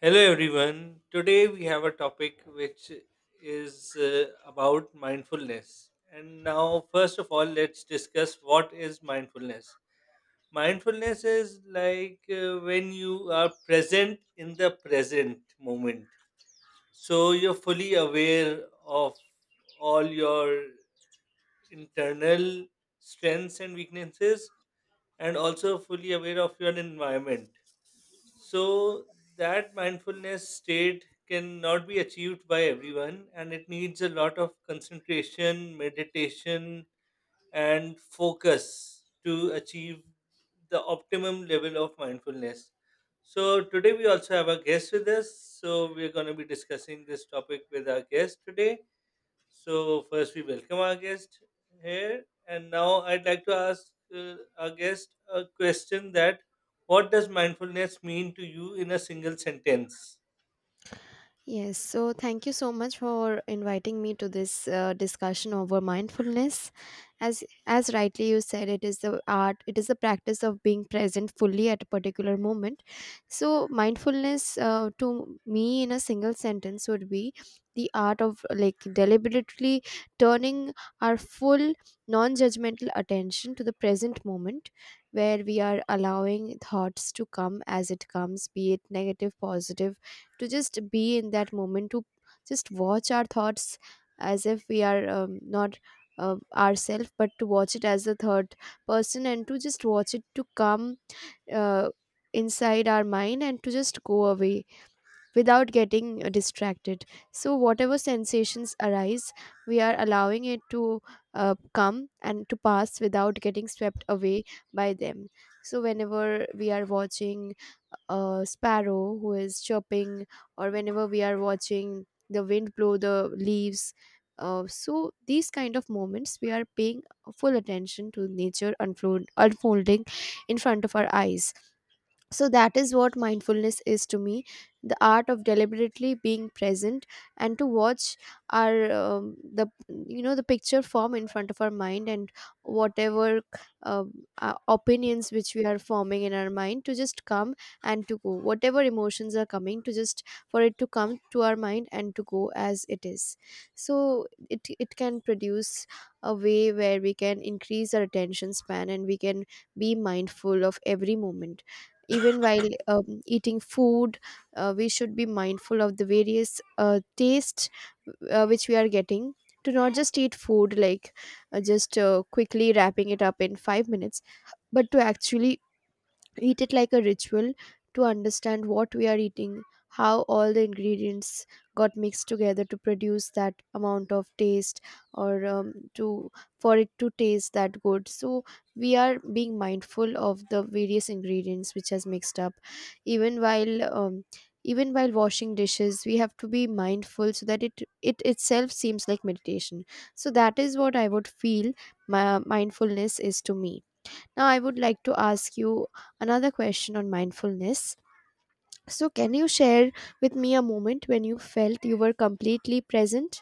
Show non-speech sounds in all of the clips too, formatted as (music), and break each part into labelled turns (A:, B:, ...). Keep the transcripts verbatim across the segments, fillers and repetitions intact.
A: Hello, everyone. Today we have a topic which is uh, about mindfulness. And now, first of all, let's discuss what is mindfulness. Mindfulness is like uh, when you are present in the present moment. So you're fully aware of all your internal strengths and weaknesses, and also fully aware of your environment, so that mindfulness state cannot be achieved by everyone, and it needs a lot of concentration, meditation, and focus to achieve the optimum level of mindfulness. So today we also have a guest with us. So we're going to be discussing this topic with our guest today. So first we welcome our guest here, and now I'd like to ask uh, our guest a question that what does mindfulness mean to you in a single sentence?
B: Yes, so thank you so much for inviting me to this uh, discussion over mindfulness. As as rightly you said, it is the art, it is the practice of being present fully at a particular moment. So mindfulness, uh, to me, in a single sentence, would be the art of like deliberately turning our full non-judgmental attention to the present moment, where we are allowing thoughts to come as it comes, be it negative, positive, to just be in that moment, to just watch our thoughts as if we are um, not uh, ourselves, but to watch it as the third person and to just watch it to come uh, inside our mind and to just go away without getting uh, distracted. So, whatever sensations arise, we are allowing it to uh, come and to pass without getting swept away by them. So, whenever we are watching a sparrow who is chirping, or whenever we are watching the wind blow the leaves, uh, so these kind of moments we are paying full attention to nature unfold, unfolding in front of our eyes. So that is what mindfulness is to me, the art of deliberately being present and to watch our um, the you know the picture form in front of our mind, and whatever um, uh, opinions which we are forming in our mind to just come and to go, whatever emotions are coming to just, for it to come to our mind and to go as it is. So it it can produce a way where we can increase our attention span and we can be mindful of every moment, even while um, eating food. Uh, we should be mindful of the various uh, tastes uh, which we are getting, to not just eat food like uh, just uh, quickly wrapping it up in five minutes, but to actually eat it like a ritual, to understand what we are eating, how all the ingredients got mixed together to produce that amount of taste, or um, to, for it to taste that good. So we are being mindful of the various ingredients which has mixed up, even while um, even while washing dishes we have to be mindful, so that it it itself seems like meditation. So that is what I would feel my mindfulness is to me. Now, I would like to ask you another question on mindfulness. So, can you share with me a moment when you felt you were completely present?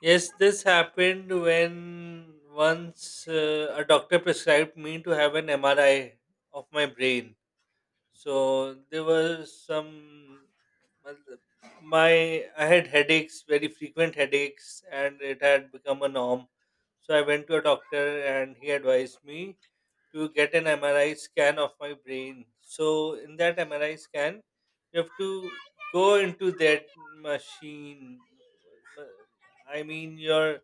A: Yes, this happened when once uh, a doctor prescribed me to have an M R I of my brain. So there was some, well, my I had headaches, very frequent headaches, and it had become a norm. So I went to a doctor, and he advised me to get an M R I scan of my brain. So in that M R I scan, you have to go into that machine. I mean, your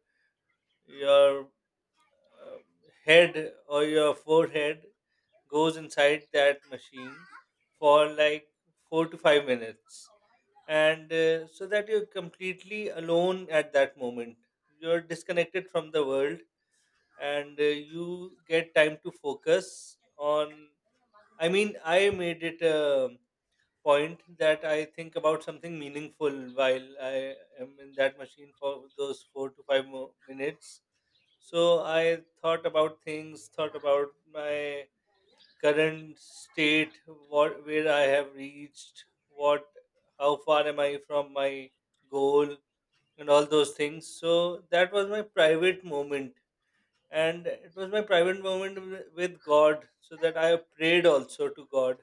A: your uh, head or your forehead goes inside that machine for like four to five minutes. And uh, so that you're completely alone at that moment. You're disconnected from the world, and uh, you get time to focus on. I mean, I made it a point that I think about something meaningful while I am in that machine for those four to five mo- minutes, so I thought about things, thought about my current state, what where I have reached, what how far am I from my goal and all those things. So that was my private moment, and it was my private moment wi- with God, so that I prayed also to God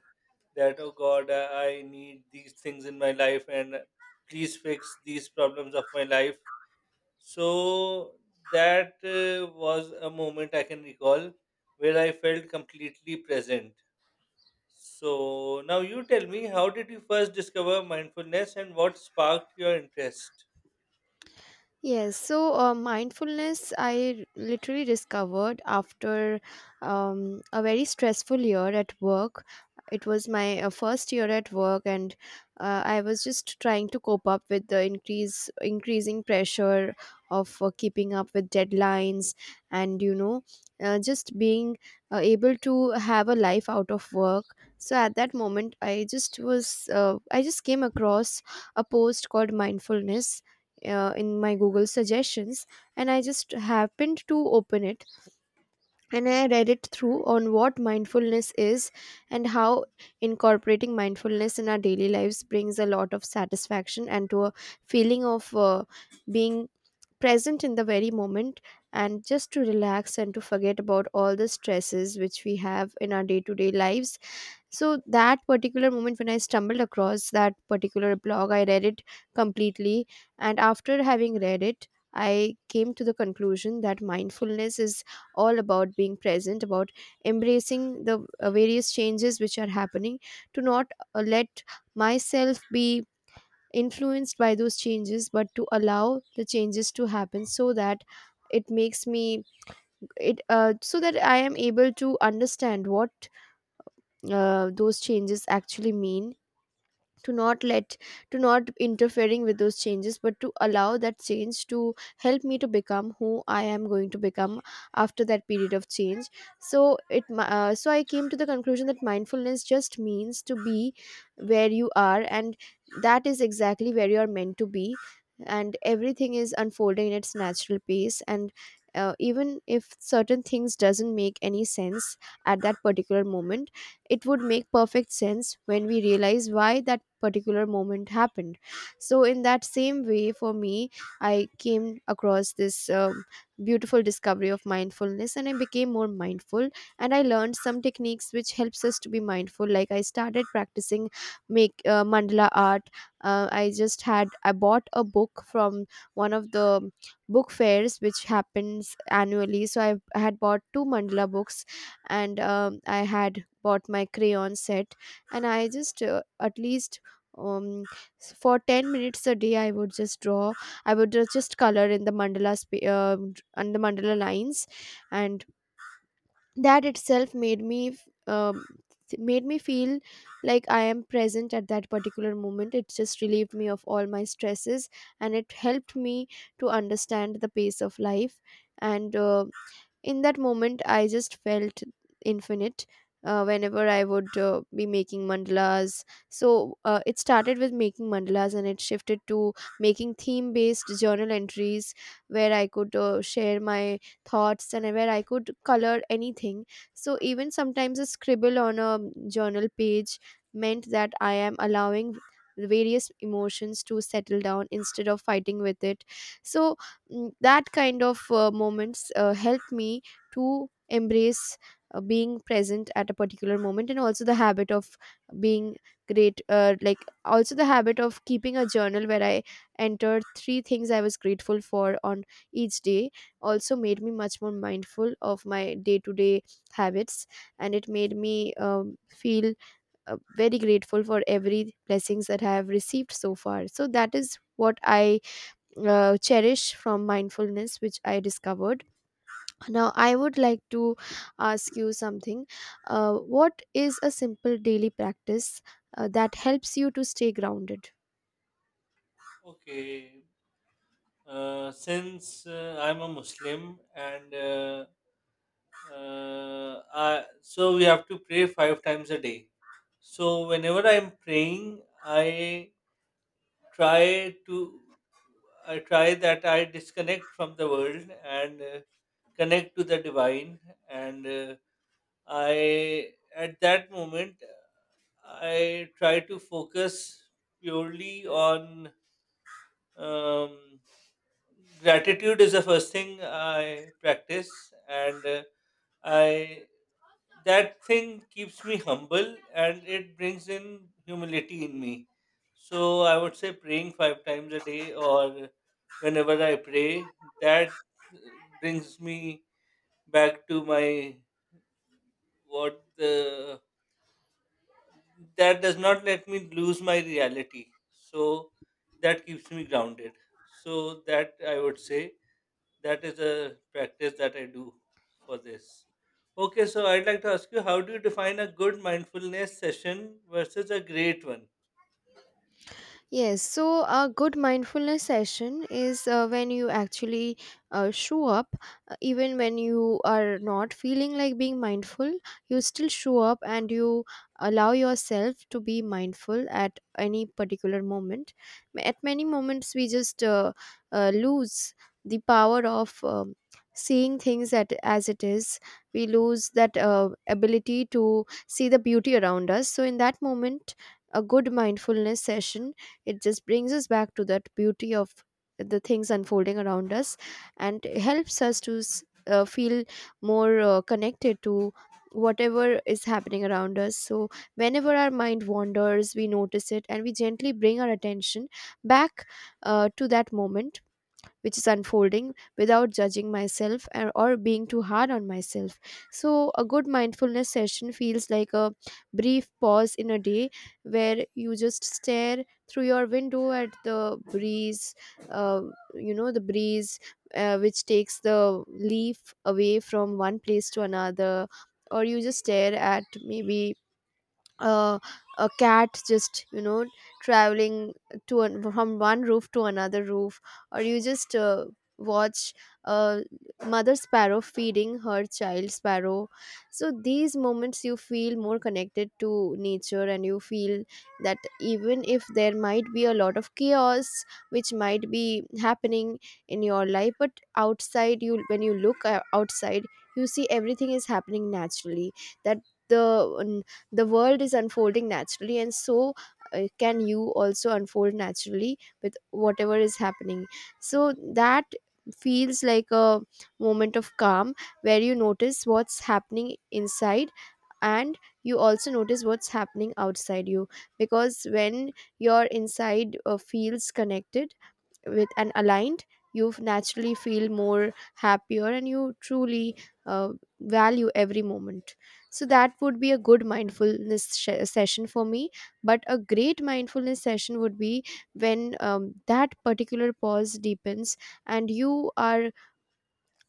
A: that, oh God, I I need these things in my life, and please fix these problems of my life. So that uh, was a moment I can recall where I felt completely present. So now you tell me, how did you first discover mindfulness and what sparked your interest?
B: Yes, so uh, mindfulness I literally discovered after um, a very stressful year at work. It was my uh, first year at work, and uh, I was just trying to cope up with the increase increasing pressure of uh, keeping up with deadlines, and you know, uh, just being uh, able to have a life out of work. So at that moment, I just was uh, I just came across a post called mindfulness uh, in my Google suggestions, and I just happened to open it, and I read it through on what mindfulness is and how incorporating mindfulness in our daily lives brings a lot of satisfaction and to a feeling of uh, being present in the very moment and just to relax and to forget about all the stresses which we have in our day to day lives. So that particular moment when I stumbled across that particular blog, I read it completely. And after having read it, I came to the conclusion that mindfulness is all about being present, about embracing the uh, various changes which are happening, to not uh, let myself be influenced by those changes, but to allow the changes to happen, so that it makes me, it uh, so that I am able to understand what uh, those changes actually mean, to not let, to not interfering with those changes but to allow that change to help me to become who I am going to become after that period of change. So it mi- uh, so I came to the conclusion that mindfulness just means to be where you are, and that is exactly where you are meant to be, and everything is unfolding in its natural pace, and uh, even if certain things doesn't make any sense at that particular moment, it would make perfect sense when we realize why that particular moment happened. So in that same way for me, I came across this um, beautiful discovery of mindfulness and I became more mindful, and I learned some techniques which helps us to be mindful, like I started practicing, make uh, mandala art. Uh, i just had I bought a book from one of the book fairs which happens annually, so i I had bought two mandala books, and um, I had bought my crayon set, and I just uh, at least um s- for ten minutes a day I would just draw, I would uh, just color in the mandala sp- uh, and the mandala lines, and that itself made me f- um made me feel like I am present at that particular moment. It just relieved me of all my stresses and it helped me to understand the pace of life, and uh, in that moment I just felt infinite uh, whenever I would uh, be making mandalas. So uh, it started with making mandalas and it shifted to making theme based journal entries, where I could uh, share my thoughts and where I could color anything. So even sometimes a scribble on a journal page meant that I am allowing various emotions to settle down instead of fighting with it. So, mm, that kind of uh, moments uh, help me to embrace uh, being present at a particular moment, and also the habit of being great uh, like also the habit of keeping a journal where I entered three things I was grateful for on each day, also made me much more mindful of my day to day habits. And it made me um, feel uh, very grateful for every blessings that I have received so far. So that is what I uh, cherish from mindfulness which I discovered. Now I would like to ask you something. Uh, what is a simple daily practice uh, that helps you to stay grounded?
A: Okay, uh, since uh, I'm a Muslim, and uh, uh, I, so we have to pray five times a day. So whenever I'm praying, I try to I try that I disconnect from the world and uh, connect to the divine. And uh, I, at that moment, I try to focus purely on um, gratitude is the first thing I practice, and uh, I that thing keeps me humble, and it brings in humility in me. So I would say praying five times a day, or whenever I pray, that uh, brings me back to my what the that does not let me lose my reality. So that keeps me grounded. So that I would say that is a practice that I do for this. Okay, so I'd like to ask you, how do you define a good mindfulness session versus a great one?
B: Yes, so a good mindfulness session is uh, when you actually uh, show up, uh, even when you are not feeling like being mindful, you still show up and you allow yourself to be mindful at any particular moment. Ma- At many moments, we just uh, uh, lose the power of um, seeing things at, as it is. We lose that uh, ability to see the beauty around us. So, in that moment, a good mindfulness session, it just brings us back to that beauty of the things unfolding around us and helps us to s- uh, feel more uh, connected to whatever is happening around us. So, whenever our mind wanders, we notice it and we gently bring our attention back uh, to that moment which is unfolding, without judging myself or, or being too hard on myself. So, a good mindfulness session feels like a brief pause in a day where you just stare through your window at the breeze, uh, you know, the breeze uh, which takes the leaf away from one place to another, or you just stare at maybe uh, a cat just, you know, traveling to an, from one roof to another roof, or you just uh, watch a mother sparrow feeding her child sparrow. So these moments you feel more connected to nature, and you feel that even if there might be a lot of chaos which might be happening in your life, but outside you, when you look uh, outside, you see everything is happening naturally, that the the world is unfolding naturally, and so uh, can you also unfold naturally with whatever is happening. So that feels like a moment of calm, where you notice what's happening inside and you also notice what's happening outside you, because when your inside uh, feels connected with and aligned, you naturally feel more happier and you truly uh, value every moment. So that would be a good mindfulness sh- session for me. But a great mindfulness session would be when um, that particular pause deepens and you are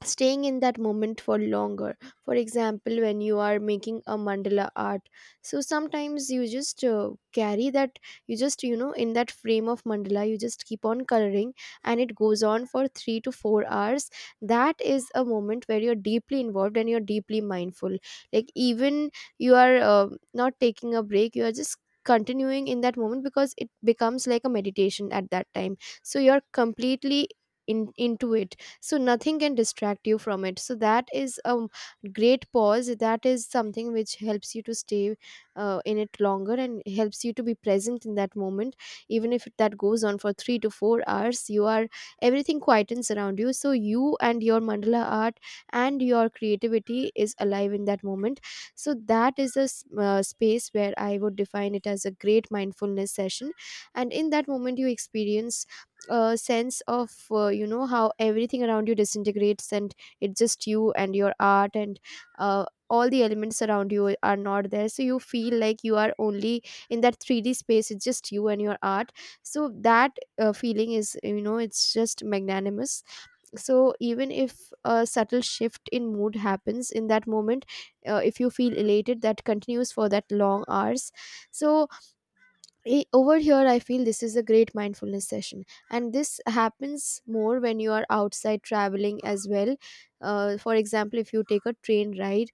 B: staying in that moment for longer. For example, when you are making a mandala art, so sometimes you just uh, carry that, you just, you know, in that frame of mandala, you just keep on coloring, and it goes on for three to four hours. That is a moment where you're deeply involved and you're deeply mindful. Like, even you are uh, not taking a break, you are just continuing in that moment, because it becomes like a meditation at that time, so you're completely in, into it. So nothing can distract you from it. So that is a great pause, that is something which helps you to stay uh, In it longer and helps you to be present in that moment even if that goes on for three to four hours you are everything quietens around you, so you and your mandala art and your creativity is alive in that moment. So that is a s- uh, space where I would define it as a great mindfulness session. And in that moment you experience uh, sense of, uh, you know, how everything around you disintegrates and it's just you and your art. And uh, all the elements around you are not there, so you feel like you are only in that three d space. It's just you and your art. So that uh, feeling is, you know, it's just magnanimous. So even if a subtle shift in mood happens in that moment, uh, if you feel elated, that continues for that long hours. So I- over here I feel this is a great mindfulness session, and this happens more when you are outside traveling as well. Uh, for example, if you take a train ride,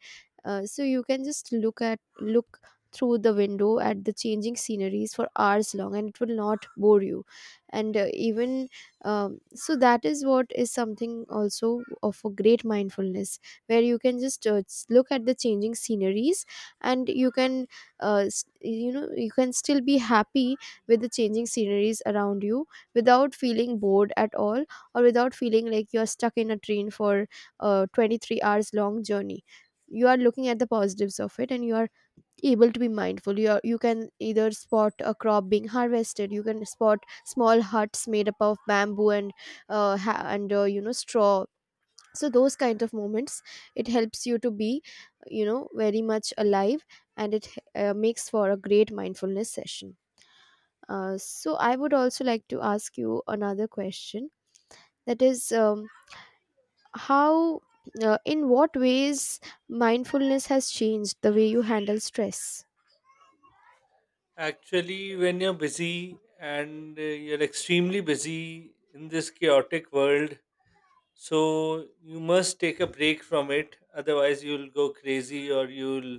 B: uh, so you can just look at look through the window at the changing sceneries for hours long and it will not bore you. And uh, even um, so that is what is something also of a great mindfulness, where you can just uh, s- look at the changing sceneries, and you can, uh, s- you know, you can still be happy with the changing sceneries around you without feeling bored at all, or without feeling like you're stuck in a train for a twenty-three hours long journey. You are looking at the positives of it, and you are able to be mindful. You are, you can either spot a crop being harvested, you can spot small huts made up of bamboo and uh, ha- and uh, you know, straw. So those kind of moments, it helps you to be, you know, very much alive, and it uh, makes for a great mindfulness session. Uh, so I would also like to ask you another question, that is, um, how, uh, in what ways mindfulness has changed the way you handle stress.
A: Actually, when you're busy, and uh, you're extremely busy in this chaotic world, so you must take a break from it, otherwise, you'll go crazy, or you'll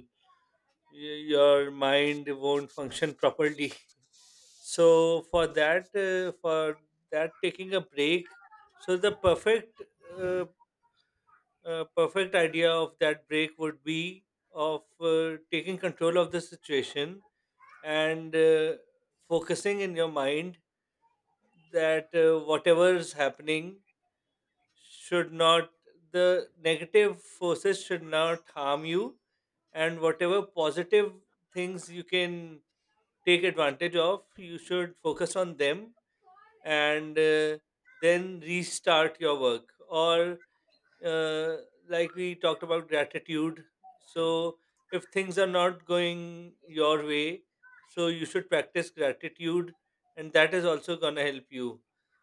A: y- your mind won't function properly. (laughs) So for that, uh, for that taking a break, so the perfect uh, uh, perfect idea of that break would be of uh, taking control of the situation, and uh, focusing in your mind that uh, whatever is happening should not the negative forces should not harm you, and whatever positive things you can take advantage of, you should focus on them. And uh, then restart your work, or uh, like we talked about gratitude, so if things are not going your way, so you should practice gratitude, and that is also going to help you.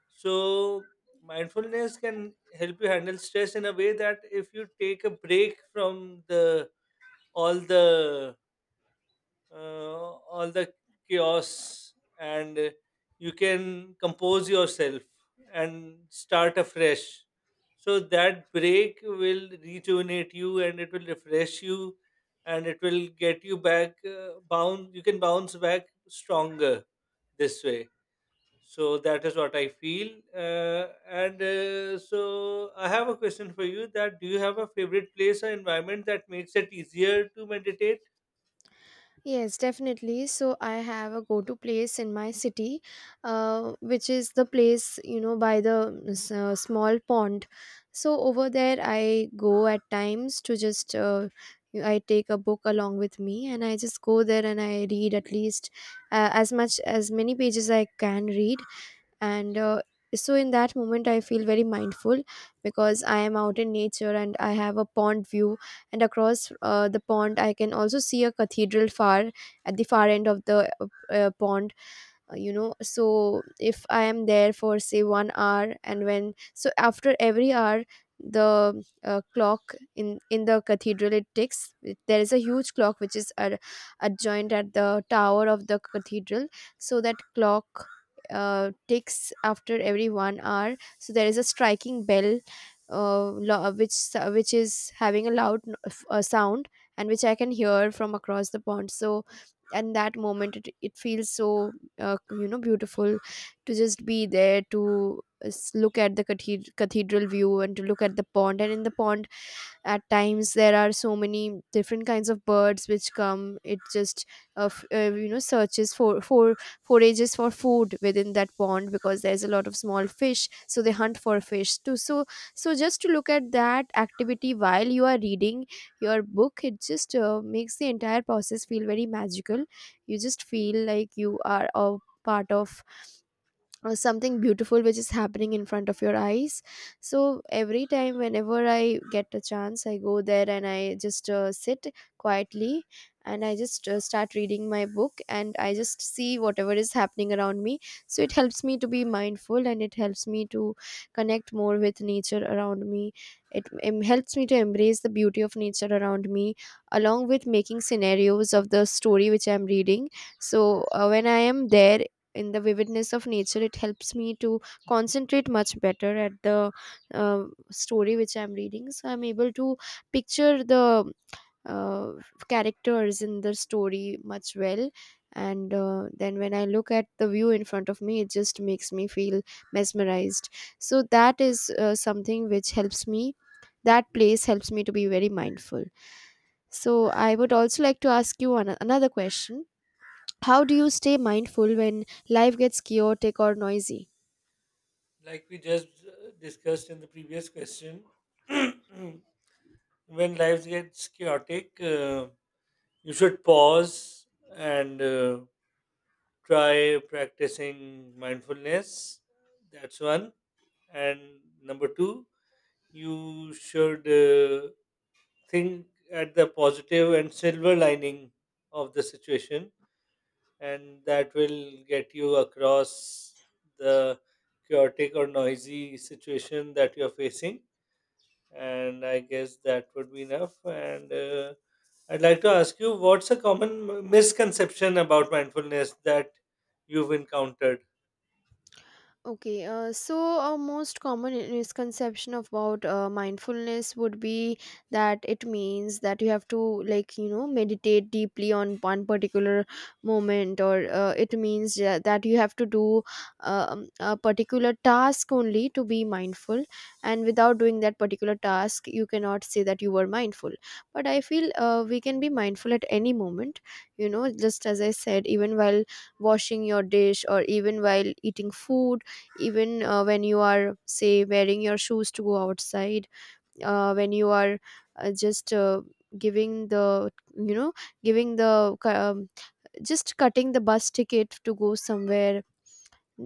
A: So mindfulness can help you handle stress in a way that if you take a break from the all the uh, all the chaos, and uh, you can compose yourself and start afresh, so that break will rejuvenate you, and it will refresh you, and it will get you back, uh, bound you can bounce back stronger this way. So that is what I feel. uh, and uh, so I have a question for you, that do you have a favorite place or environment that makes it easier to meditate?
B: Yes, definitely. So I have a go-to place in my city, uh, which is the place, you know, by the s- uh, small pond. So over there, I go at times to just, uh, I take a book along with me, and I just go there and I read at least uh, as much as many pages I can read. And uh, so in that moment I feel very mindful, because I am out in nature and I have a pond view. And across uh, the pond I can also see a cathedral, far at the far end of the uh, uh, pond. Uh, you know, so if I am there for say one hour, and when, so after every hour, the uh, clock in in the cathedral, it ticks. It- there is a huge clock which is ad- adjoined at the tower of the cathedral. So that clock uh, ticks after every one hour. So there is a striking bell, uh, lo- which which is having a loud no- f- uh, sound, and which I can hear from across the pond. So, and that moment it, it feels so uh, you know, beautiful to just be there, to uh, s- look at the cathed- cathedral view, and to look at the pond. And in the pond at times there are so many different kinds of birds which come. It just uh, f- uh, you know, searches for for forages for food within that pond, because there's a lot of small fish, so they hunt for fish too. So, so just to look at that activity while you are reading your book, it just uh, makes the entire process feel very magical. You just feel like you are a part of or something beautiful which is happening in front of your eyes. So every time whenever I get a chance I go there, and I just uh, sit quietly, and I just uh, start reading my book, and I just see whatever is happening around me. So it helps me to be mindful, and it helps me to connect more with nature around me. It em- helps me to embrace the beauty of nature around me, along with making scenarios of the story which I'm reading. So uh, when I am there in the vividness of nature, it helps me to concentrate much better at the uh, story which I'm reading. So I'm able to picture the uh, characters in the story much well. And uh, then when I look at the view in front of me, it just makes me feel mesmerized. So that is uh, something which helps me, that place helps me to be very mindful. So I would also like to ask you an- another question. How do you stay mindful when life gets chaotic or noisy?
A: Like we just uh, discussed in the previous question, (clears throat) when life gets chaotic, uh, you should pause, and uh, try practicing mindfulness. That's one. And number two, you should uh, think at the positive and silver lining of the situation, and that will get you across the chaotic or noisy situation that you're facing. And I guess that would be enough. And uh, I'd like to ask you, what's a common m- misconception about mindfulness that you've encountered?
B: Okay, uh, so a most common i- misconception about uh, mindfulness would be that it means that you have to, like, you know, meditate deeply on one particular moment, or uh, it means ja- that you have to do um, a particular task only to be mindful, and without doing that particular task, you cannot say that you were mindful. But I feel uh, we can be mindful at any moment, you know, just as I said, even while washing your dish, or even while eating food, even uh, when you are, say, wearing your shoes to go outside, uh, when you are uh, just uh, giving the, you know, giving the cu- um, just cutting the bus ticket to go somewhere,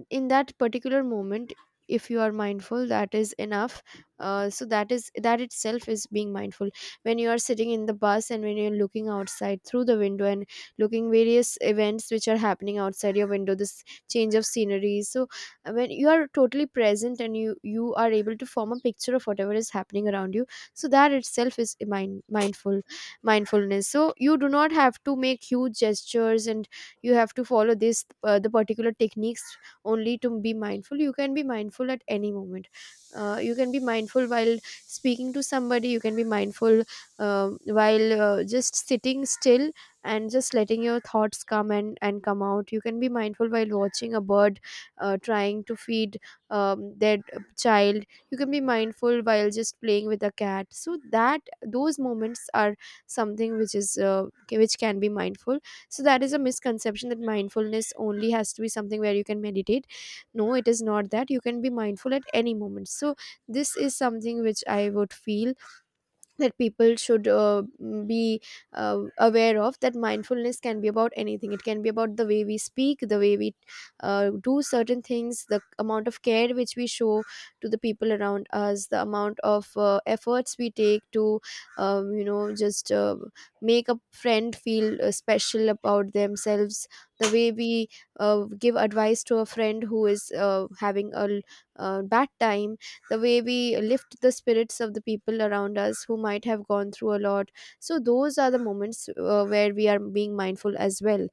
B: in that particular moment, if you are mindful, that is enough. Uh, so that is, that itself is being mindful. When you are sitting in the bus, and when you're looking outside through the window, and looking various events which are happening outside your window, this change of scenery. So uh, when you are totally present, and you you are able to form a picture of whatever is happening around you, so that itself is mind, mindful mindfulness. So you do not have to make huge gestures and you have to follow this, uh, the particular techniques only to be mindful. You can be mindful at any moment. Uh, you can be mindful while speaking to somebody, you can be mindful, um, while uh, just sitting still and just letting your thoughts come and, and come out. You can be mindful while watching a bird uh, trying to feed um, their child. You can be mindful while just playing with a cat. So that those moments are something which is uh, ca- which can be mindful. So that is a misconception, that mindfulness only has to be something where you can meditate. No, it is not that. You can be mindful at any moment. So this is something which I would feel, that people should uh, mm, be uh, aware of, that mindfulness can be about anything. It can be about the way we speak, the way we uh, do certain things, the amount of care which we show to the people around us, the amount of uh, efforts we take to, um, you know, just uh, make a friend feel uh, special about themselves, the way we uh, give advice to a friend who is uh, having a l- uh, bad time, the way we lift the spirits of the people around us who might have gone through a lot. So those are the moments uh, where we are being mindful as well.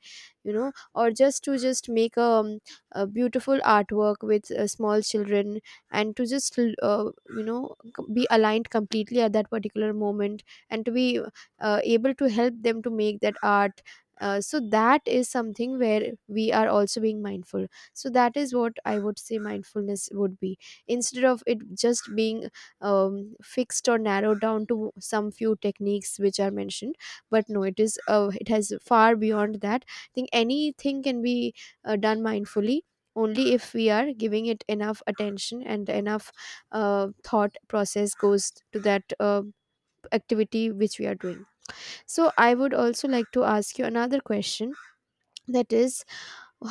B: You know, or just to just make a, um, a beautiful artwork with uh, small children, and to just l- uh, you know, c- be aligned completely at that particular moment, and to be uh, able to help them to make that art. Uh, so that is something where we are also being mindful. So that is what I would say mindfulness would be, instead of it just being um, fixed or narrowed down to some few techniques which are mentioned. But no, it is, uh, it has far beyond that. I think anything can be uh, done mindfully, only if we are giving it enough attention and enough uh, thought process goes to that uh, activity which we are doing. So I would also like to ask you another question, that is,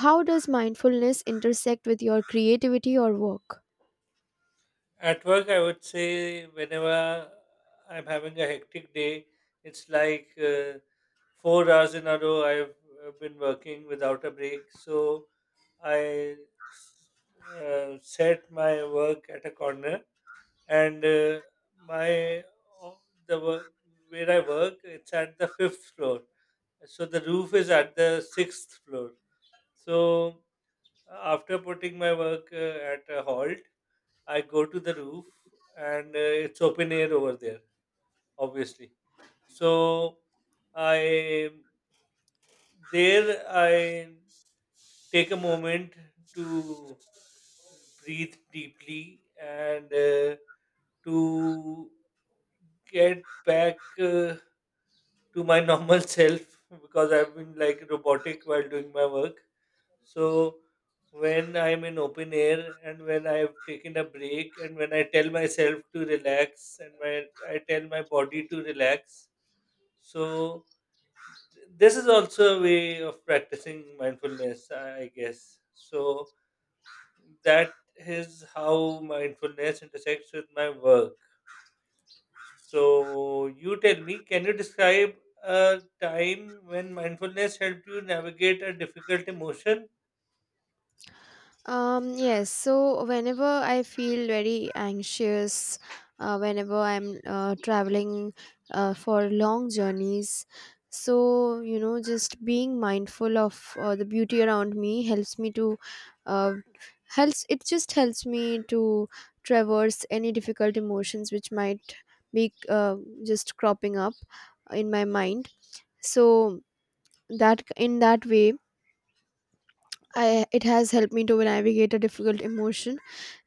B: how does mindfulness intersect with your creativity or work?
A: At work, I would say, whenever I'm having a hectic day, it's like uh, four hours in a row I've uh, been working without a break. So I s- uh, set my work at a corner, and uh, my o- the work, where I work, it's at the fifth floor, so the roof is at the sixth floor. So after putting my work uh, at a halt, I go to the roof, and uh, it's open air over there, obviously. So I there I take a moment to breathe deeply, and uh, to get back uh, to my normal (laughs) self, because I've been like robotic while doing my work. So when I'm in open air, and when I've taken a break, and when I tell myself to relax, and my I tell my body to relax, so th- this is also a way of practicing mindfulness, I I guess. So that is how mindfulness intersects with my work. So, you tell me, can you describe a time when mindfulness helped you navigate a difficult emotion?
B: Um, yes, so whenever I feel very anxious, uh, whenever I'm uh, traveling uh, for long journeys, so you know, just being mindful of uh, the beauty around me helps me to, uh, helps, it just helps me to traverse any difficult emotions which might be uh, just cropping up in my mind. So that in that way, I it has helped me to navigate a difficult emotion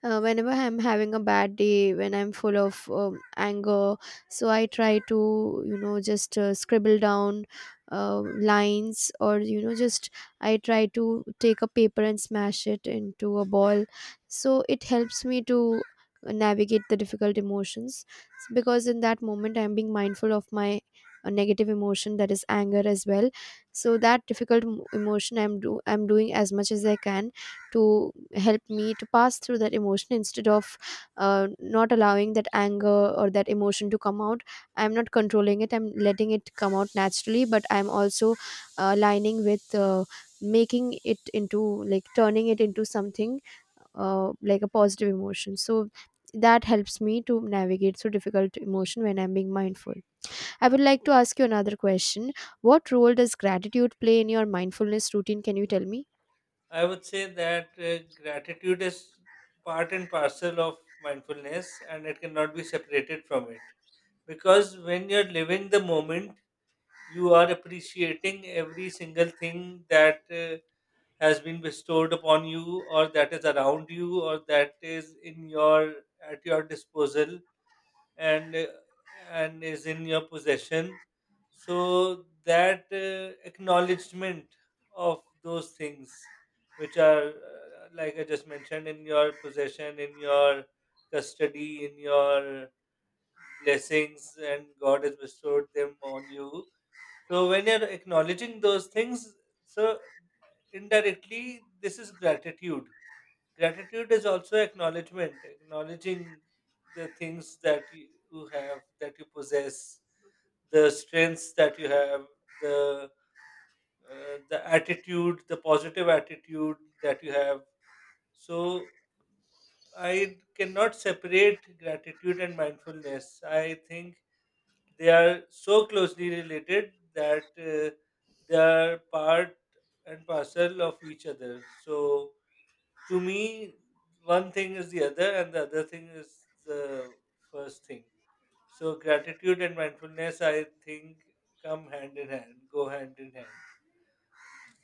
B: uh, whenever I'm having a bad day, when I'm full of um, anger. So I try to you know just uh, scribble down uh, lines, or you know just I try to take a paper and smash it into a ball. So it helps me to navigate the difficult emotions, because in that moment I'm being mindful of my uh, negative emotion, that is anger as well. So that difficult m- emotion, i'm do I'm doing as much as I can to help me to pass through that emotion, instead of uh, not allowing that anger or that emotion to come out. I'm not controlling it, I'm letting it come out naturally, but I'm also uh, aligning with, uh, making it into, like, turning it into something, uh, like a positive emotion. So that helps me to navigate through difficult emotion when I'm being mindful. I would like to ask you another question. What role does gratitude play in your mindfulness routine? Can you tell me?
A: I would say that uh, gratitude is part and parcel of mindfulness, and it cannot be separated from it. Because when you're living the moment, you are appreciating every single thing that uh, has been bestowed upon you, or that is around you, or that is in your at your disposal, and uh, and is in your possession. So that uh, acknowledgement of those things, which are, uh, like I just mentioned, in your possession, in your custody, in your blessings, and God has bestowed them on you. So when you're acknowledging those things, so indirectly this is gratitude. Gratitude is also acknowledgement, acknowledging the things that you you have, that you possess, the strengths that you have, the uh, the attitude, the positive attitude that you have. So I cannot separate gratitude and mindfulness. I think they are so closely related that uh, they are part and parcel of each other. So, to me, one thing is the other, and the other thing is the first thing. So, gratitude and mindfulness, I think, come hand in hand, go hand in hand.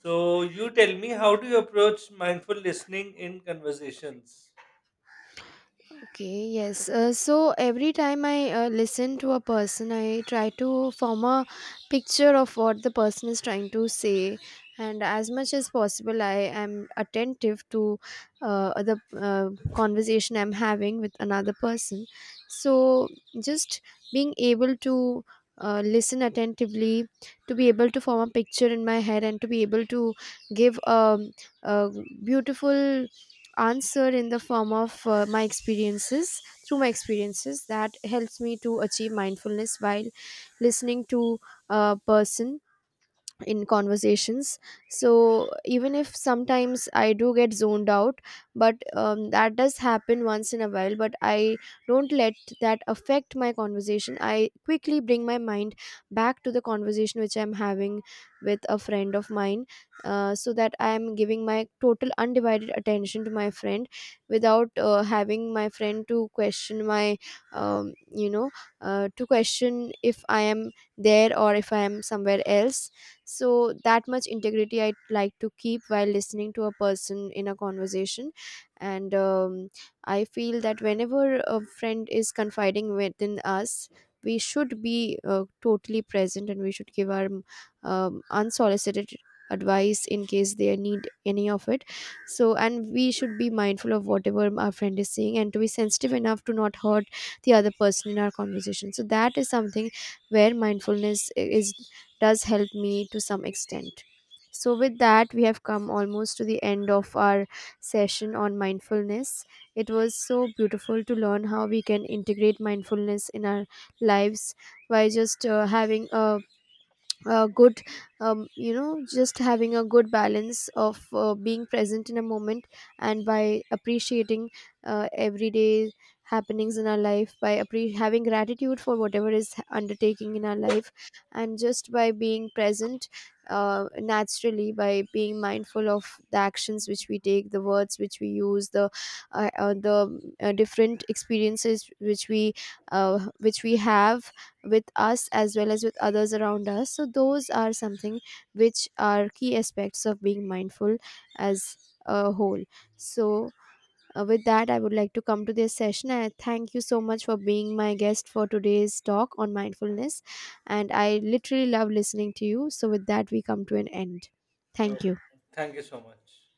A: So, you tell me, how do you approach mindful listening in conversations?
B: Okay, yes. Uh, so every time I uh, listen to a person, I try to form a picture of what the person is trying to say. And as much as possible, I am attentive to uh, the uh, conversation I'm having with another person. So just being able to uh, listen attentively, to be able to form a picture in my head, and to be able to give um, a beautiful answer in the form of uh, my experiences, through my experiences, that helps me to achieve mindfulness while listening to a person in conversations. So even if sometimes I do get zoned out, but um, that does happen once in a while, but I don't let that affect my conversation. I quickly bring my mind back to the conversation which I'm having with a friend of mine, uh, so that I am giving my total undivided attention to my friend, without uh, having my friend to question my um, you know uh, to question if I am there or if I am somewhere else. So that much integrity I'd like to keep while listening to a person in a conversation. And um, I feel that whenever a friend is confiding within us, we should be uh, totally present, and we should give our um, unsolicited advice in case they need any of it. So, and we should be mindful of whatever our friend is saying, and to be sensitive enough to not hurt the other person in our conversation. So that is something where mindfulness I- is does help me to some extent. So, with that, we have come almost to the end of our session on mindfulness. It was so beautiful to learn how we can integrate mindfulness in our lives, by just uh, having a uh, good um, you know just having a good balance of uh, being present in a moment, and by appreciating uh, everyday happenings in our life, by appre- having gratitude for whatever is h- undertaking in our life, and just by being present, uh, naturally, by being mindful of the actions which we take, the words which we use, the uh, uh, the uh, different experiences which we, uh, which we have with us as well as with others around us. So those are something which are key aspects of being mindful as a whole. So, uh, with that, I would like to come to this session. I thank you so much for being my guest for today's talk on mindfulness, and I literally love listening to you. So with that, we come to an end.
A: Uh,
B: Thank you.
A: thank you so much.